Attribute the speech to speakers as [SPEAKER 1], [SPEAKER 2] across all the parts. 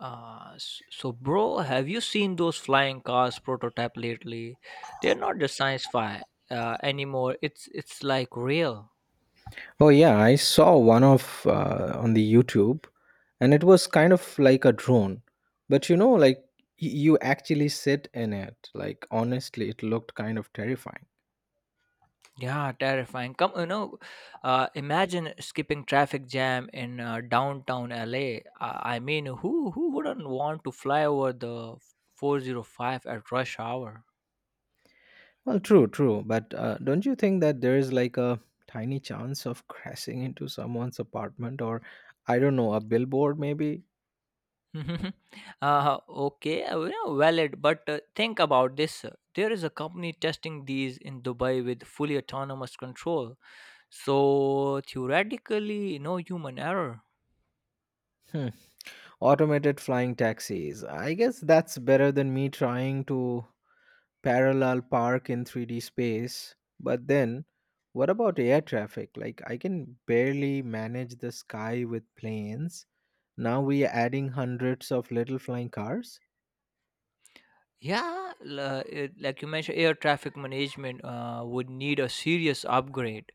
[SPEAKER 1] So, bro, have you seen those flying cars prototype lately? They're not just science fi anymore. It's like real.
[SPEAKER 2] Oh yeah, I saw one of on the YouTube, and it was kind of like a drone, but you know, like you actually sit in it. Like honestly, it looked kind of terrifying.
[SPEAKER 1] Yeah, terrifying. Come, you know, imagine skipping traffic jam in downtown LA. I mean, who wouldn't want to fly over the 405 at rush hour?
[SPEAKER 2] Well, true, but don't you think that there is like a tiny chance of crashing into someone's apartment or I don't know, a billboard maybe?
[SPEAKER 1] Mhm. Okay, you know, valid, but think about this. There is a company testing these in Dubai with fully autonomous control. So theoretically, no human error.
[SPEAKER 2] Hmm. Automated flying taxis. I guess that's better than me trying to parallel park in 3D space. But then, what about air traffic? Like, I can barely manage the sky with planes. Now we are adding hundreds of little flying cars.
[SPEAKER 1] Yeah, like you mentioned, air traffic management would need a serious upgrade.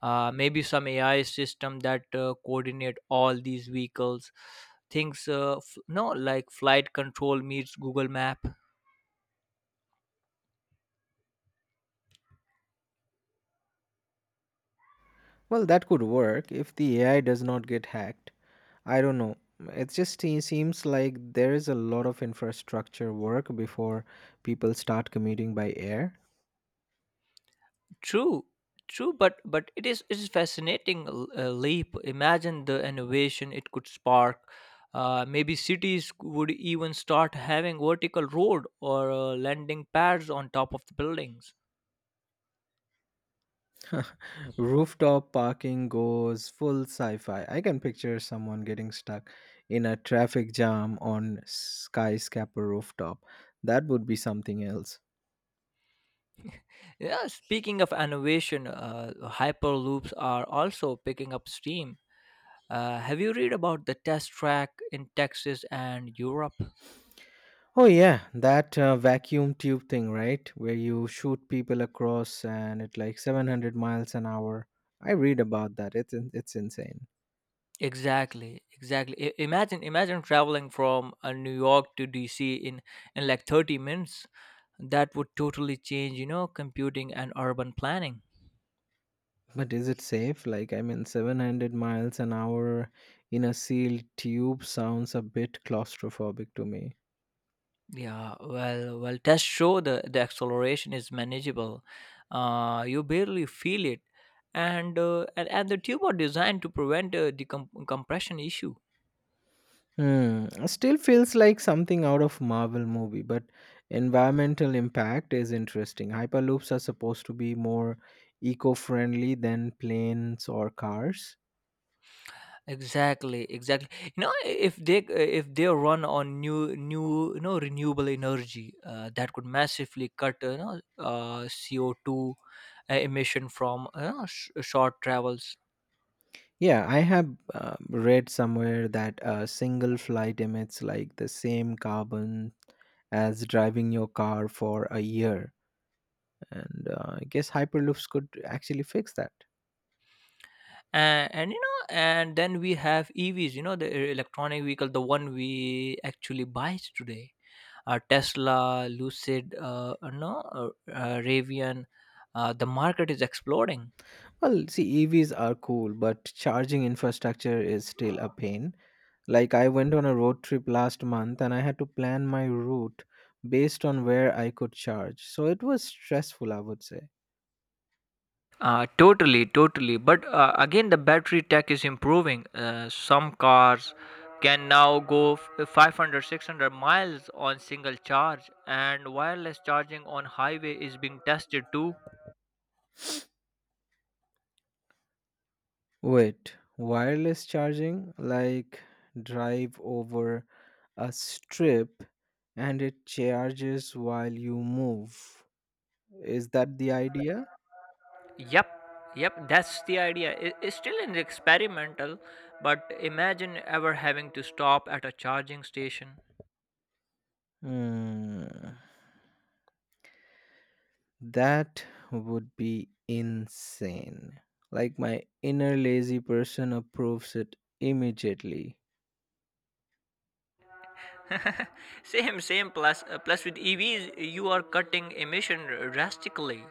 [SPEAKER 1] Maybe some AI system that coordinate all these vehicles. Things, f- no, Like flight control meets Google Map.
[SPEAKER 2] Well, that could work if the AI does not get hacked. I don't know. It just seems like there is a lot of infrastructure work before people start commuting by air.
[SPEAKER 1] True, true, but it is fascinating leap. Imagine the innovation it could spark. Maybe cities would even start having vertical road or landing pads on top of the buildings.
[SPEAKER 2] Rooftop parking goes full sci fi. I can picture someone getting stuck in a traffic jam on skyscraper rooftop. That would be something else.
[SPEAKER 1] Yeah, speaking of innovation, hyperloops are also picking up steam. Have you read about the test track in Texas and Europe?
[SPEAKER 2] Oh, yeah, that vacuum tube thing, right? Where you shoot people across and at like 700 miles an hour. I read about that. It's insane.
[SPEAKER 1] Exactly, exactly. Imagine traveling from New York to DC in like 30 minutes. That would totally change, you know, computing and urban planning.
[SPEAKER 2] But is it safe? Like, I mean, 700 miles an hour in a sealed tube sounds a bit claustrophobic to me.
[SPEAKER 1] Yeah, well, tests show the acceleration is manageable. You barely feel it, and the tube are designed to prevent compression issue.
[SPEAKER 2] Hmm. it Still feels like something out of Marvel movie, but environmental impact is interesting. Hyperloops are supposed to be more eco-friendly than planes or cars.
[SPEAKER 1] Exactly, exactly. You know, if they run on new new you know, renewable energy, that could massively cut, you know, CO two emission from, you know, short travels.
[SPEAKER 2] Yeah, I have read somewhere that a single flight emits like the same carbon as driving your car for a year, and I guess hyperloops could actually fix that.
[SPEAKER 1] And you know, and then we have EVs. You know, the electronic vehicle, the one we actually buy today. Tesla, Lucid, no, Ravian. The market is exploding.
[SPEAKER 2] Well, see, EVs are cool, but charging infrastructure is still a pain. Like, I went on a road trip last month and I had to plan my route based on where I could charge. So it was stressful, I would say.
[SPEAKER 1] Totally. But again, the battery tech is improving. Some cars can now go 500, 600 miles on single charge, and wireless charging on highway is being tested too.
[SPEAKER 2] Wait, wireless charging? Like, drive over a strip and it charges while you move. Is that the idea?
[SPEAKER 1] Yep, yep, that's the idea. It's still an experimental, but imagine ever having to stop at a charging station.
[SPEAKER 2] Hmm. That would be insane. Like, my inner lazy person approves it immediately.
[SPEAKER 1] Same, same, plus plus with evs you are cutting emission drastically.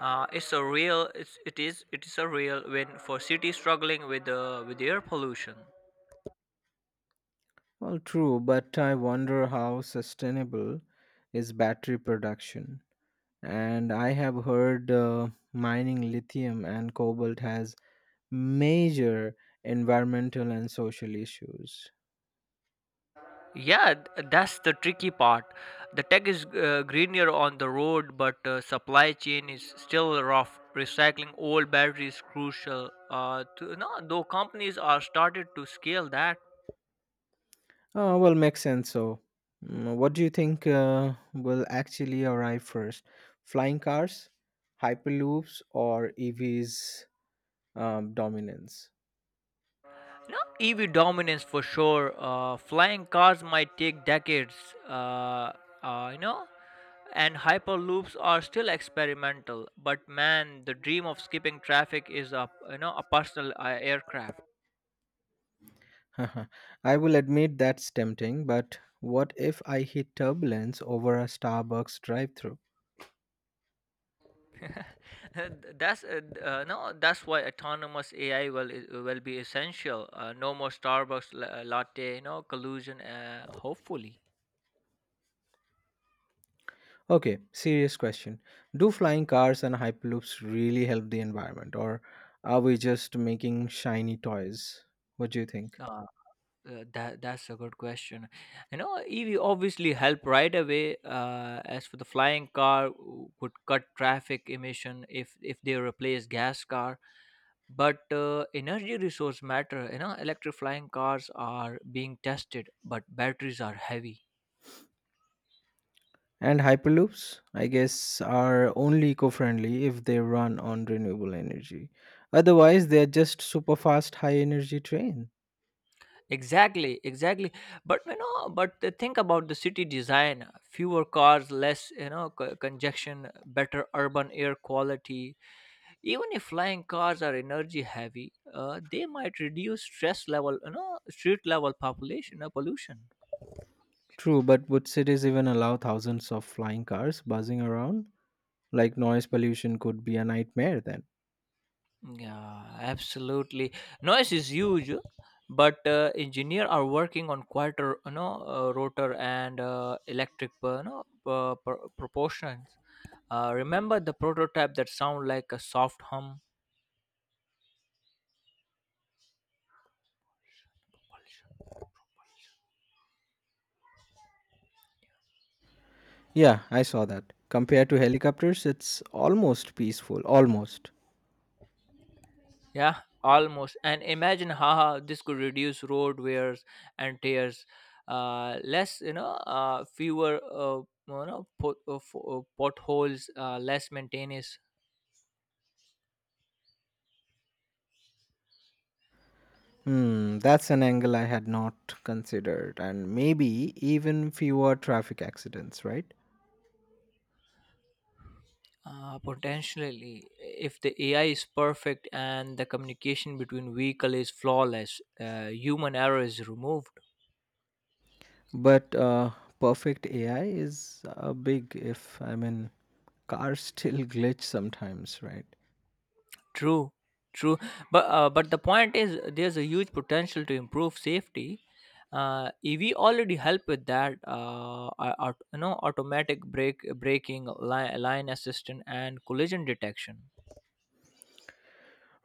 [SPEAKER 1] Uh, it's a real it's, it is a real win for cities struggling with air pollution.
[SPEAKER 2] Well, true, but I wonder how sustainable is battery production. And I have heard mining lithium and cobalt has major environmental and social issues.
[SPEAKER 1] Yeah, that's the tricky part. The tech is greener on the road, but supply chain is still rough. Recycling old batteries crucial to, no, though companies are started to scale that.
[SPEAKER 2] Well, makes sense. So, what do you think will actually arrive first? Flying cars, hyperloops, or EVs dominance?
[SPEAKER 1] No, EV dominance for sure. Flying cars might take decades, uh, uh, you know, and hyperloops are still experimental. But man, the dream of skipping traffic is a, you know, a personal aircraft.
[SPEAKER 2] I will admit that's tempting, but what if I hit turbulence over a Starbucks drive through?
[SPEAKER 1] that's d- no, That's why autonomous AI will be essential. No more Starbucks latte, you know, collusion. Hopefully.
[SPEAKER 2] Okay, serious question. Do flying cars and Hyperloops really help the environment, or are we just making shiny toys? What do you think?
[SPEAKER 1] That's a good question. You know, EV obviously help right away. As for the flying car, would cut traffic emission if they replace gas car. But energy resource matter. You know, electric flying cars are being tested, but batteries are heavy.
[SPEAKER 2] And Hyperloops, I guess, are only eco friendly if they run on renewable energy. Otherwise, they're just super fast, high energy train.
[SPEAKER 1] Exactly, exactly. But you know, but the think about the city design. Fewer cars, less you know, congestion, better urban air quality, even if flying cars are energy heavy. They might reduce stress level, you know, street level population, pollution.
[SPEAKER 2] True, but would cities even allow thousands of flying cars buzzing around? Like noise pollution could be a nightmare then.
[SPEAKER 1] Yeah, absolutely. Noise is huge, but engineer are working on quieter, you know, rotor and electric, proportions. Remember the prototype that sound like a soft hum.
[SPEAKER 2] Yeah, I saw that. Compared to helicopters, it's almost peaceful. Almost.
[SPEAKER 1] Yeah, almost. And imagine how this could reduce road wears and tears. Less, you know, fewer, potholes, less maintenance.
[SPEAKER 2] Hmm, that's an angle I had not considered, and maybe even fewer traffic accidents, right?
[SPEAKER 1] Potentially, if the AI is perfect and the communication between vehicle is flawless, human error is removed.
[SPEAKER 2] But perfect AI is a big if. I mean, cars still glitch sometimes, right?
[SPEAKER 1] True, true. But the point is, there's a huge potential to improve safety. EV already help with that. You know, automatic brake braking, line assistant, and collision detection.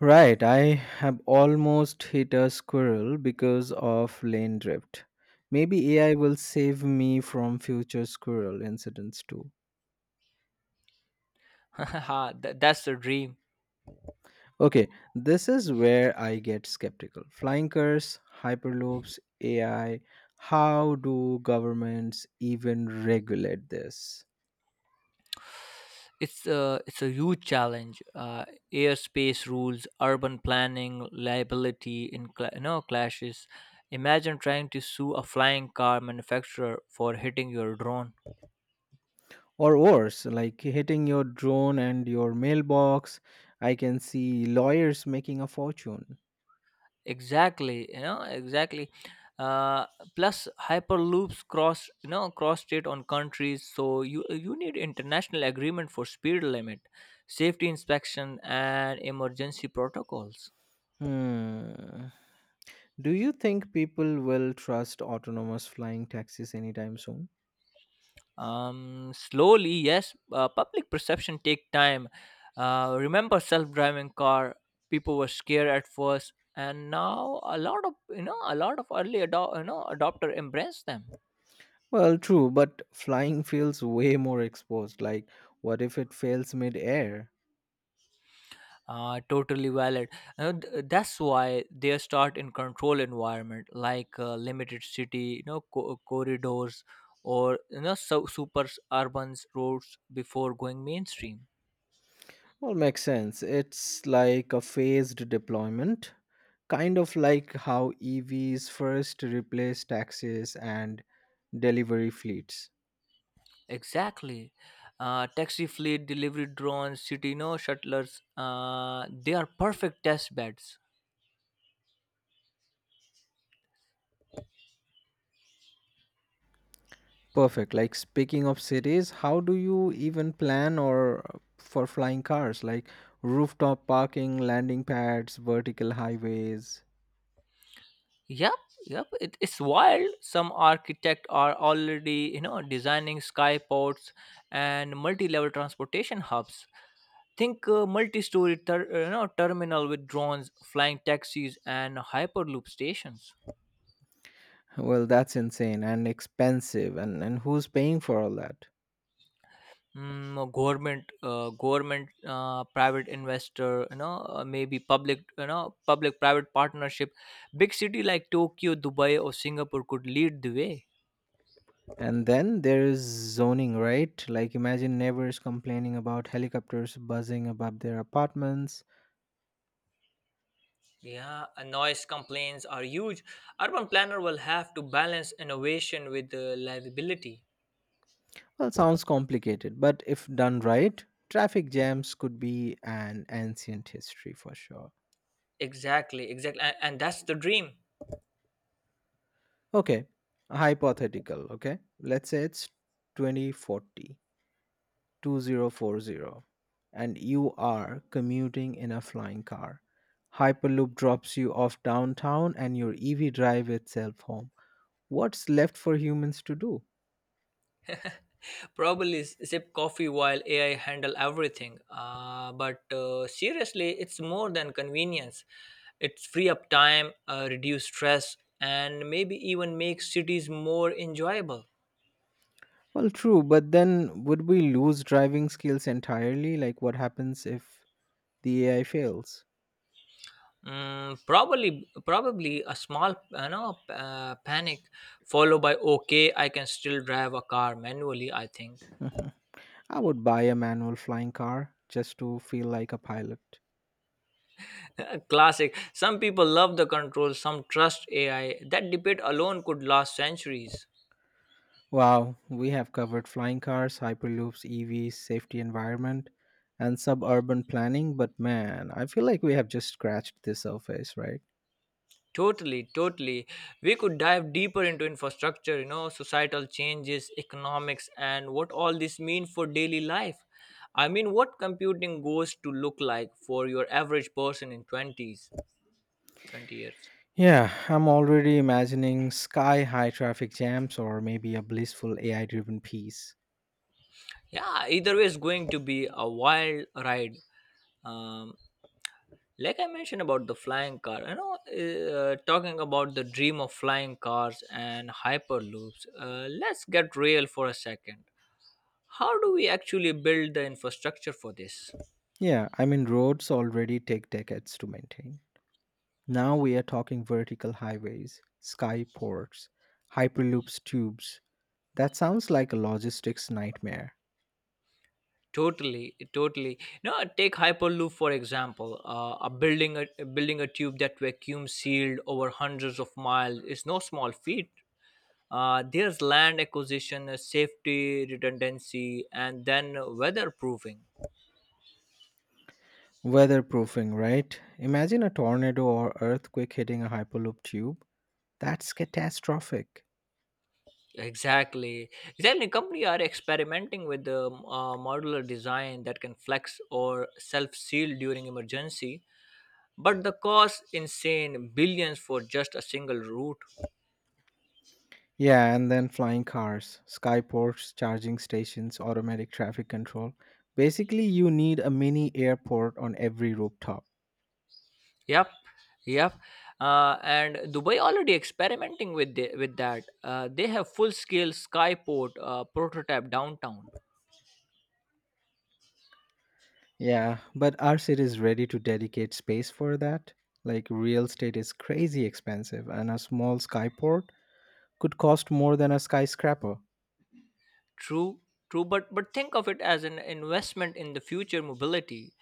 [SPEAKER 2] Right, I have almost hit a squirrel because of lane drift. Maybe AI will save me from future squirrel incidents too.
[SPEAKER 1] Haha, that's the dream.
[SPEAKER 2] Okay, this is where I get skeptical. Flying cars, hyperloops, AI, how do governments even regulate this?
[SPEAKER 1] It's a huge challenge. Airspace rules, urban planning, liability in cla you know, clashes. Imagine trying to sue a flying car manufacturer for hitting your drone.
[SPEAKER 2] Or worse, like hitting your drone and your mailbox, I can see lawyers making a fortune.
[SPEAKER 1] Exactly, you know, exactly. Uh, plus hyperloops cross, you know, cross state on countries, so you need international agreement for speed limit, safety inspection, and emergency protocols.
[SPEAKER 2] Hmm. Do you think people will trust autonomous flying taxis anytime soon?
[SPEAKER 1] Slowly, yes. Public perception take time. Remember self-driving car? People were scared at first, and now a lot of, you know, a lot of early adop you know, adopter embrace them.
[SPEAKER 2] Well, true, but flying feels way more exposed. Like, what if it fails mid air?
[SPEAKER 1] Totally valid. That's why they start in control environment like limited city, you know, corridors or you know, so super urban roads before going mainstream.
[SPEAKER 2] Well, makes sense. It's like a phased deployment, kind of like how EVs first replaced taxis and delivery fleets.
[SPEAKER 1] Exactly. Taxi fleet, delivery drones, city no shuttlers. They are perfect test beds.
[SPEAKER 2] Perfect. Like speaking of cities, how do you even plan or for flying cars? Like rooftop parking, landing pads, vertical highways.
[SPEAKER 1] Yep, yep. It's wild. Some architect are already, you know, designing skyports and multi-level transportation hubs. Think multi-story you know, terminal with drones, flying taxis, and hyperloop stations.
[SPEAKER 2] Well, that's insane and expensive. And who's paying for all that?
[SPEAKER 1] Mm, a government, private investor, you know, maybe public, you know, public-private partnership. Big city like Tokyo, Dubai, or Singapore could lead the way.
[SPEAKER 2] And then there is zoning, right? Like imagine neighbors complaining about helicopters buzzing above their apartments.
[SPEAKER 1] Yeah, and noise complaints are huge. Urban planner will have to balance innovation with the liability.
[SPEAKER 2] Well, sounds complicated, but if done right, traffic jams could be an ancient history for sure.
[SPEAKER 1] Exactly, exactly, and that's the dream.
[SPEAKER 2] Okay, hypothetical. Okay, let's say it's 2040, and you are commuting in a flying car. Hyperloop drops you off downtown and your EV drive itself home. What's left for humans to do?
[SPEAKER 1] Probably sip coffee while AI handle everything. But seriously, it's more than convenience. It's free up time, reduce stress, and maybe even make cities more enjoyable.
[SPEAKER 2] Well, true, but then would we lose driving skills entirely? Like, what happens if the AI fails?
[SPEAKER 1] Mm, probably a small, you know, panic followed by okay, I can still drive a car manually. I think
[SPEAKER 2] I would buy a manual flying car just to feel like a pilot.
[SPEAKER 1] classic. Some people love the control, some trust AI. That debate alone could last centuries.
[SPEAKER 2] Wow, we have covered flying cars, hyperloops, EVs, safety environment, and suburban planning, but man, I feel like we have just scratched the surface, right?
[SPEAKER 1] Totally, totally. We could dive deeper into infrastructure, you know, societal changes, economics, and what all this mean for daily life. I mean, what computing goes to look like for your average person in 20s, 20 years.
[SPEAKER 2] Yeah, I'm already imagining sky high traffic jams or maybe a blissful AI driven peace.
[SPEAKER 1] Yeah, either way is going to be a wild ride. Um, like I mentioned about the flying car, you know, talking about the dream of flying cars and hyperloops. Let's get real for a second. How do we actually build the infrastructure for this?
[SPEAKER 2] Yeah, I mean, roads already take decades to maintain. Now we are talking vertical highways, skyports, hyperloops tubes. That sounds like a logistics nightmare.
[SPEAKER 1] Totally, totally. No, take hyperloop for example. A building a tube that vacuum sealed over hundreds of miles is no small feat. There's land acquisition, safety redundancy, and then weatherproofing.
[SPEAKER 2] Weatherproofing, right? Imagine a tornado or earthquake hitting a Hyperloop tube. That's catastrophic.
[SPEAKER 1] Exactly, exactly. Company are experimenting with the modular design that can flex or self seal during emergency, but the cost insane billions for just a single route.
[SPEAKER 2] Yeah, and then flying cars, skyports, charging stations, automatic traffic control. Basically, you need a mini airport on every rooftop.
[SPEAKER 1] Yep, yep. And dubai already experimenting with with that. They have full scale skyport prototype downtown.
[SPEAKER 2] Yeah, but our city is ready to dedicate space for that. Like, real estate is crazy expensive, and a small skyport could cost more than a skyscraper.
[SPEAKER 1] True, true, but think of it as an investment in the future mobility.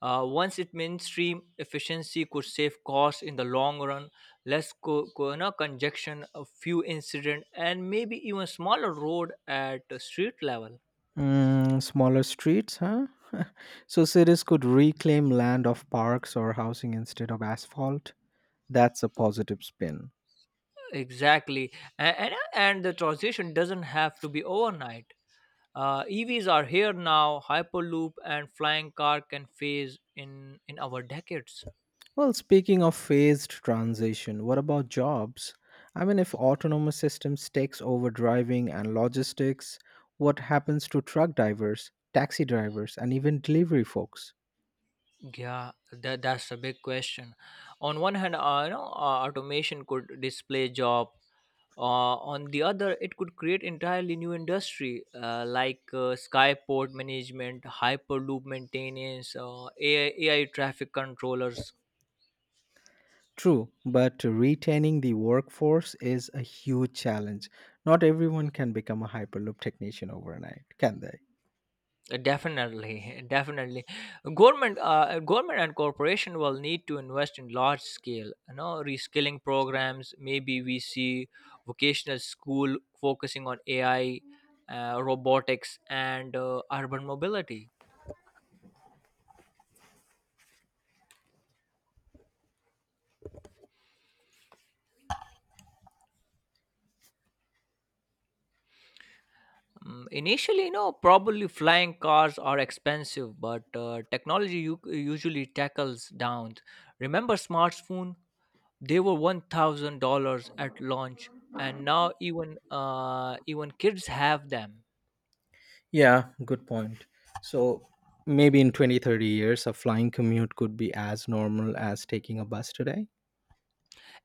[SPEAKER 1] Once it mainstream, efficiency could save costs in the long run, less co- co- no, congestion, a few incident, and maybe even smaller road at the street level.
[SPEAKER 2] Mm, smaller streets, huh? so cities could reclaim land of parks or housing instead of asphalt. That's a positive spin.
[SPEAKER 1] Exactly, and the transition doesn't have to be overnight. EVs are here now. Hyperloop and flying car can phase in our decades.
[SPEAKER 2] Well, speaking of phased transition, what about jobs? I mean, if autonomous systems takes over driving and logistics, what happens to truck drivers, taxi drivers, and even delivery folks?
[SPEAKER 1] Yeah, that's a big question. On one hand, automation could display job. On the other, it could create entirely new industry like skyport management, hyperloop maintenance, AI traffic controllers.
[SPEAKER 2] True, but retaining the workforce is a huge challenge. Not everyone can become a Hyperloop technician overnight, can they?
[SPEAKER 1] Definitely, definitely. Government, and corporation will need to invest in large scale, you know, reskilling programs. Maybe we see vocational school focusing on AI, robotics, and urban mobility. Mm, initially, you know, probably flying cars are expensive, but technology usually tackles down. Remember smartphone? They were $1,000 at launch, and now even even kids have them.
[SPEAKER 2] Yeah, good point. So maybe in 20, 30 years, a flying commute could be as normal as taking a bus today.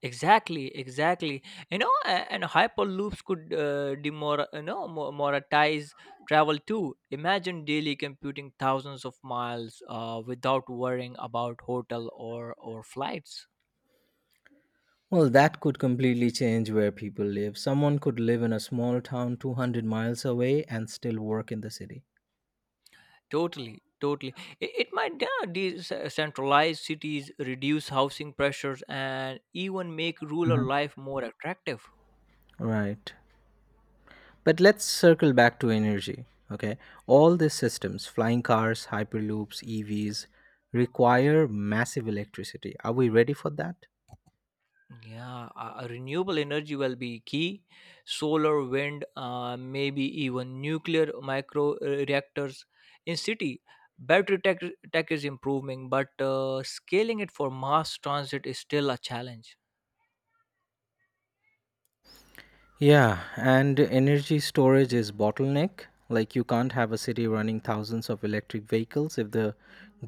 [SPEAKER 1] Exactly, exactly. You know, and hyperloops could demor you know, moralize travel too. Imagine daily computing thousands of miles without worrying about hotel or flights.
[SPEAKER 2] Well, that could completely change where people live. Someone could live in a small town 200 miles away and still work in the city.
[SPEAKER 1] Totally, totally. It might yeah, decentralize cities, reduce housing pressures, and even make rural
[SPEAKER 2] Mhm.
[SPEAKER 1] life more attractive.
[SPEAKER 2] Right. But let's circle back to energy. Okay. All these systems, flying cars, hyperloops, EVs, require massive electricity. Are we ready for that?
[SPEAKER 1] Yeah, a renewable energy will be key. Solar, wind, maybe even nuclear micro reactors in city. Battery tech, Tech is improving, but scaling it for mass transit is still a challenge.
[SPEAKER 2] Yeah, and energy storage is bottleneck. Like you can't have a city running thousands of electric vehicles if the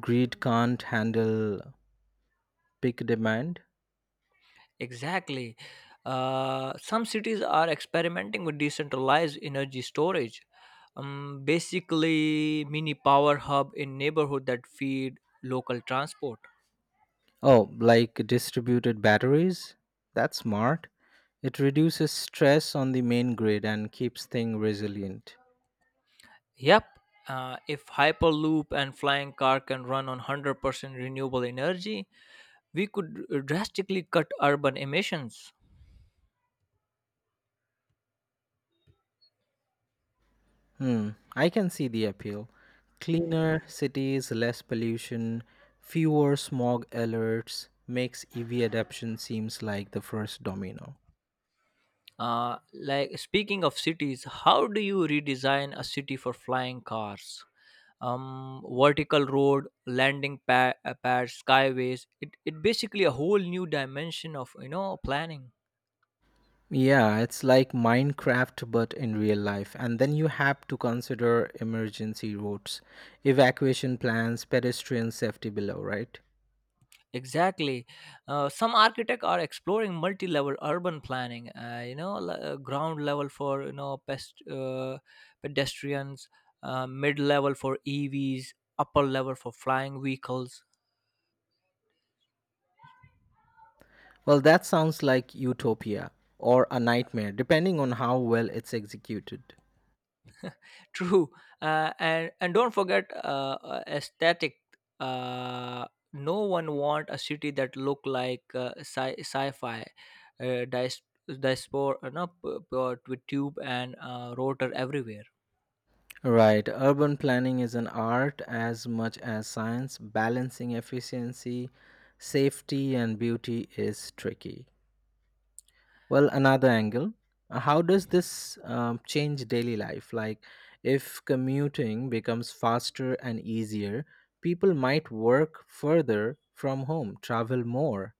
[SPEAKER 2] grid can't handle peak demand.
[SPEAKER 1] Exactly. Some cities are experimenting with decentralized energy storage, basically mini power hub in neighborhood that feed local transport.
[SPEAKER 2] Oh, like distributed batteries? That's smart. It reduces stress on the main grid and keeps things resilient.
[SPEAKER 1] Yep. If Hyperloop and flying car can run on 100% renewable energy, we could drastically cut urban emissions.
[SPEAKER 2] Hmm, I can see the appeal. Cleaner cities, less pollution, fewer smog alerts makes EV adoption seems like the first domino.
[SPEAKER 1] Like speaking of cities, how do you redesign a city for flying cars? Vertical road, pads, skyways. It basically a whole new dimension of, you know, planning.
[SPEAKER 2] Yeah, it's like Minecraft, but in real life. And then you have to consider emergency routes, evacuation plans, pedestrian safety below, right?
[SPEAKER 1] Exactly. Some architects are exploring multi-level urban planning. Ground level for pedestrians, mid-level for EVs, upper level for flying vehicles.
[SPEAKER 2] Well, that sounds like utopia or a nightmare, depending on how well it's executed.
[SPEAKER 1] True. And don't forget aesthetic. Uh, no one want a city that look like sci-fi. Dice diaspora, no, with tube and rotor everywhere.
[SPEAKER 2] Right, urban planning is an art as much as science. Balancing efficiency, safety, and beauty is tricky. Well, another angle. How does this change daily life? Like, if commuting becomes faster and easier, people might work further from home, travel more.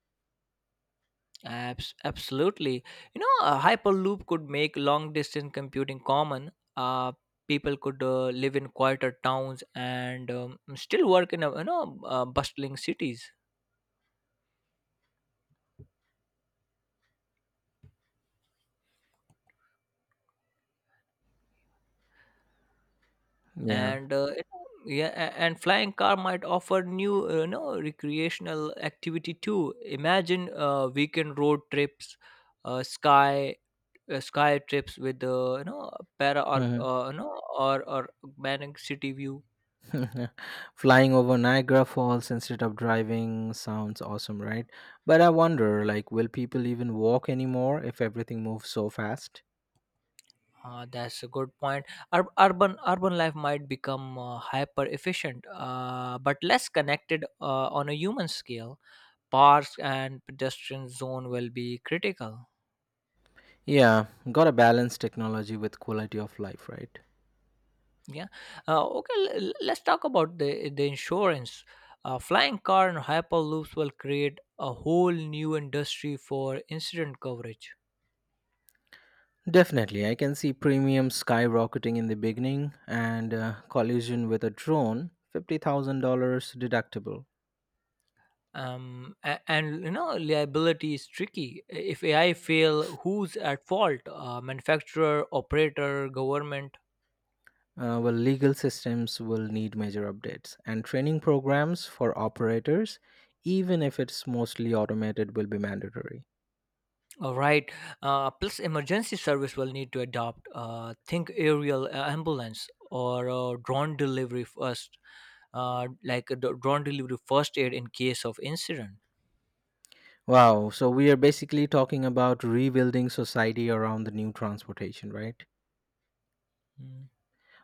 [SPEAKER 1] Absolutely. You know, a Hyperloop could make long distance computing common. People could live in quieter towns and still work in a, bustling cities.
[SPEAKER 2] Yeah.
[SPEAKER 1] And it- yeah, a- and flying car might offer new recreational activity too. Imagine weekend road trips, uh, sky sky trips with para or
[SPEAKER 2] Mhm.
[SPEAKER 1] you know or augmented city view.
[SPEAKER 2] Flying over Niagara Falls instead of driving sounds awesome, right? But I wonder, like, will people even walk anymore if everything moves so fast?
[SPEAKER 1] That's a good point. Urban life might become hyper efficient, but less connected on a human scale. Parks and pedestrian zone will be critical.
[SPEAKER 2] Yeah, gotta balance technology with quality of life, right?
[SPEAKER 1] Yeah. Okay. Let's talk about the insurance. Flying car and hyperloops will create a whole new industry for incident coverage.
[SPEAKER 2] Definitely, I can see premium skyrocketing in the beginning and collision with a drone, $50,000 deductible.
[SPEAKER 1] And you know liability is tricky if AI fail, who's at fault? Manufacturer, operator, government?
[SPEAKER 2] Well, legal systems will need major updates and training programs for operators, even if it's mostly automated, will be mandatory.
[SPEAKER 1] All right. Plus emergency service will need to adopt think aerial ambulance or drone delivery first, like a drone delivery first aid in case of incident.
[SPEAKER 2] Wow, so we are basically talking about rebuilding society around the new transportation, right?
[SPEAKER 1] Hmm.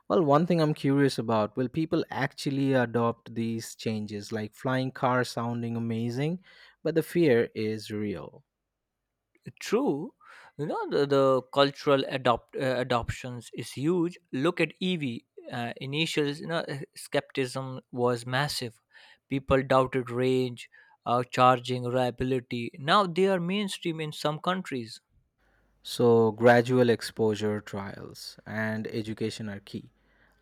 [SPEAKER 2] Well, one thing I'm curious about will people actually adopt these changes? Like flying cars sounding amazing, but the fear is real.
[SPEAKER 1] True, you know, the cultural adoptions is huge. Look at EV. Initial skepticism was massive. People doubted range, charging, reliability. Now they are mainstream in some countries.
[SPEAKER 2] So, gradual exposure trials and education are key.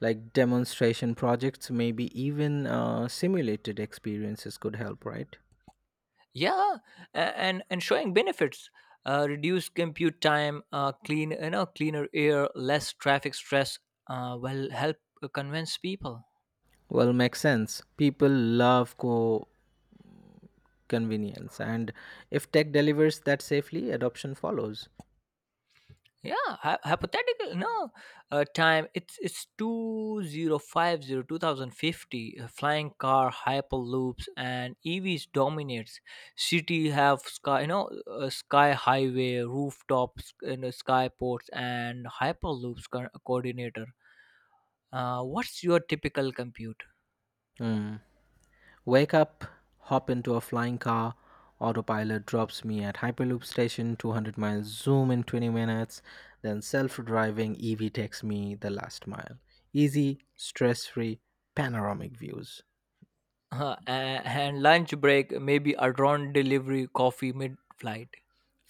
[SPEAKER 2] Like demonstration projects, maybe even simulated experiences could help, right?
[SPEAKER 1] Yeah, and showing benefits, reduced compute time, clean cleaner air, less traffic stress. Will help convince people.
[SPEAKER 2] Well, makes sense. People love co convenience, and if tech delivers that safely, adoption follows.
[SPEAKER 1] Yeah. Hypothetical, no, time, it's 2050, 2050 Flying car, hyperloops, and EVs dominates. City have sky, sky highway, rooftops, you know, skyports, and hyperloops coordinator. What's your typical compute?
[SPEAKER 2] Hmm. Wake up, hop into a flying car. Autopilot drops me at Hyperloop station, 200 miles, zoom in 20 minutes. Then self driving EV takes me the last mile. Easy, stress free, panoramic views.
[SPEAKER 1] And lunch break, maybe a drone delivery coffee mid flight.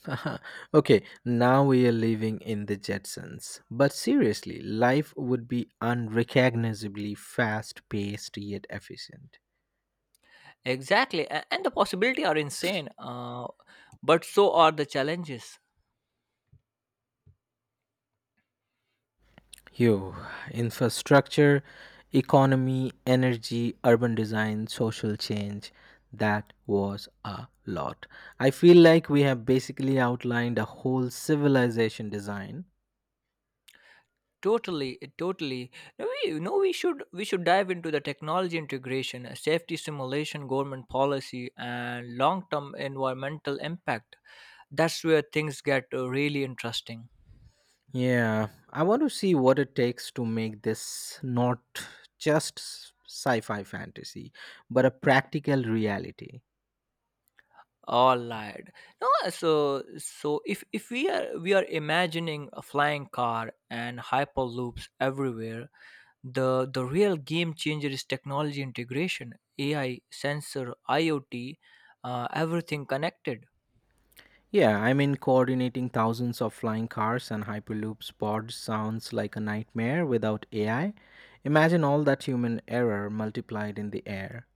[SPEAKER 2] okay, now we are living in the Jetsons. But seriously, life would be unrecognizably fast paced yet efficient.
[SPEAKER 1] Exactly, and the possibility are insane, but so are the challenges.
[SPEAKER 2] Yo, infrastructure, economy, energy, urban design, social change. That was a lot. I feel like we have basically outlined a whole civilization design.
[SPEAKER 1] Totally. No, you know, we should we should dive into the technology integration, safety simulation, government policy, and long-term environmental impact. That's where things get really interesting.
[SPEAKER 2] Yeah, I want to see what it takes to make this not just sci fi fantasy, but a practical reality.
[SPEAKER 1] All right. No, so, if we are imagining a flying car and hyperloops everywhere, the real game changer is technology integration, AI, sensor, IoT, everything connected.
[SPEAKER 2] Yeah, I mean, coordinating thousands of flying cars and Hyperloop pods sounds like a nightmare without AI. Imagine all that human error multiplied in the air.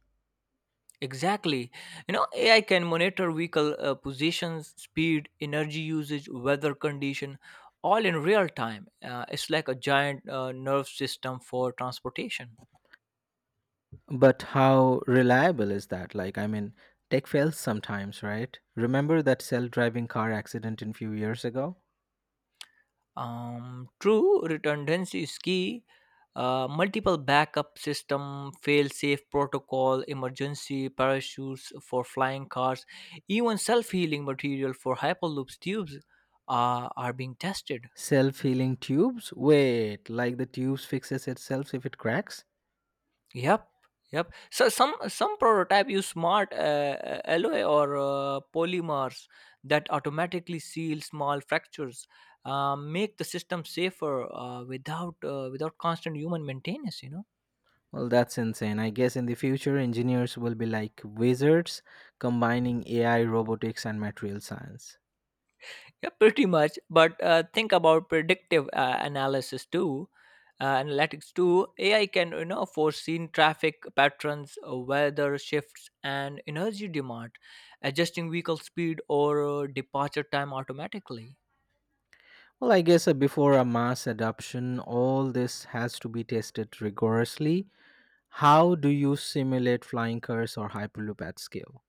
[SPEAKER 1] Exactly. You know, AI can monitor vehicle positions, speed, energy usage, weather condition, all in real time. It's like a giant nerve system for transportation.
[SPEAKER 2] But how reliable is that? Like, I mean, tech fails sometimes, right? Remember that self driving car accident in few years ago?
[SPEAKER 1] True, redundancy is key. Multiple backup system, fail-safe protocol, emergency parachutes for flying cars, even self-healing material for hyperloops tubes are being tested.
[SPEAKER 2] Self healing tubes? Wait, like the tubes fixes itself if it cracks?
[SPEAKER 1] Yep, yep. So some prototype use smart alloy or polymers that automatically seal small fractures, make the system safer without constant human maintenance. You know.
[SPEAKER 2] Well, that's insane. I guess in the future, engineers will be like wizards combining AI, robotics, and material science.
[SPEAKER 1] Yeah, pretty much. But think about predictive analytics too. AI can you know foreseen traffic patterns, weather shifts, and energy demand, adjusting vehicle speed or departure time automatically.
[SPEAKER 2] Well, I guess before a mass adoption, all this has to be tested rigorously. How do you simulate flying cars or Hyperloop at scale?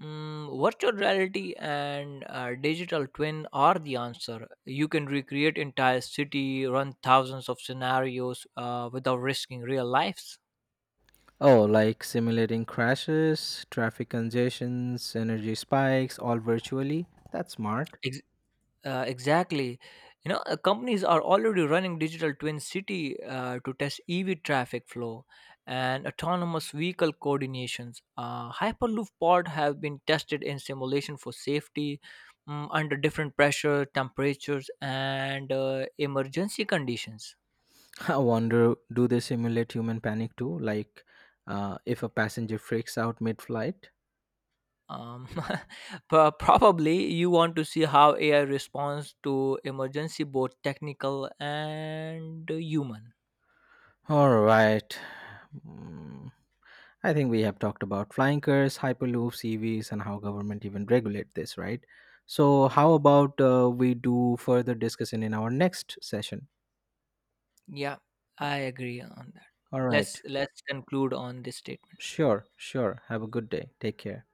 [SPEAKER 1] Mm, virtual reality and digital twin are the answer. You can recreate entire city, run thousands of scenarios without risking real lives.
[SPEAKER 2] Oh, like simulating crashes, traffic congestions, energy spikes, all virtually? That's smart.
[SPEAKER 1] Exactly. Companies are already running digital twin city to test EV traffic flow and autonomous vehicle coordinations. Hyperloop pod have been tested in simulation for safety, mm, under different pressure, temperatures, and emergency conditions.
[SPEAKER 2] I wonder do they simulate human panic too? Like if a passenger freaks out mid flight?
[SPEAKER 1] um, Probably you want to see how AI responds to emergency, both technical and human.
[SPEAKER 2] All right. Mm, I think we have talked about flying cars, hyperloops, EVs, and how government even regulate this, right? So, how about we do further discussion in our next session?
[SPEAKER 1] Yeah, I agree on that.
[SPEAKER 2] All right.
[SPEAKER 1] Let's conclude on this statement.
[SPEAKER 2] Sure, sure. Have a good day. Take care.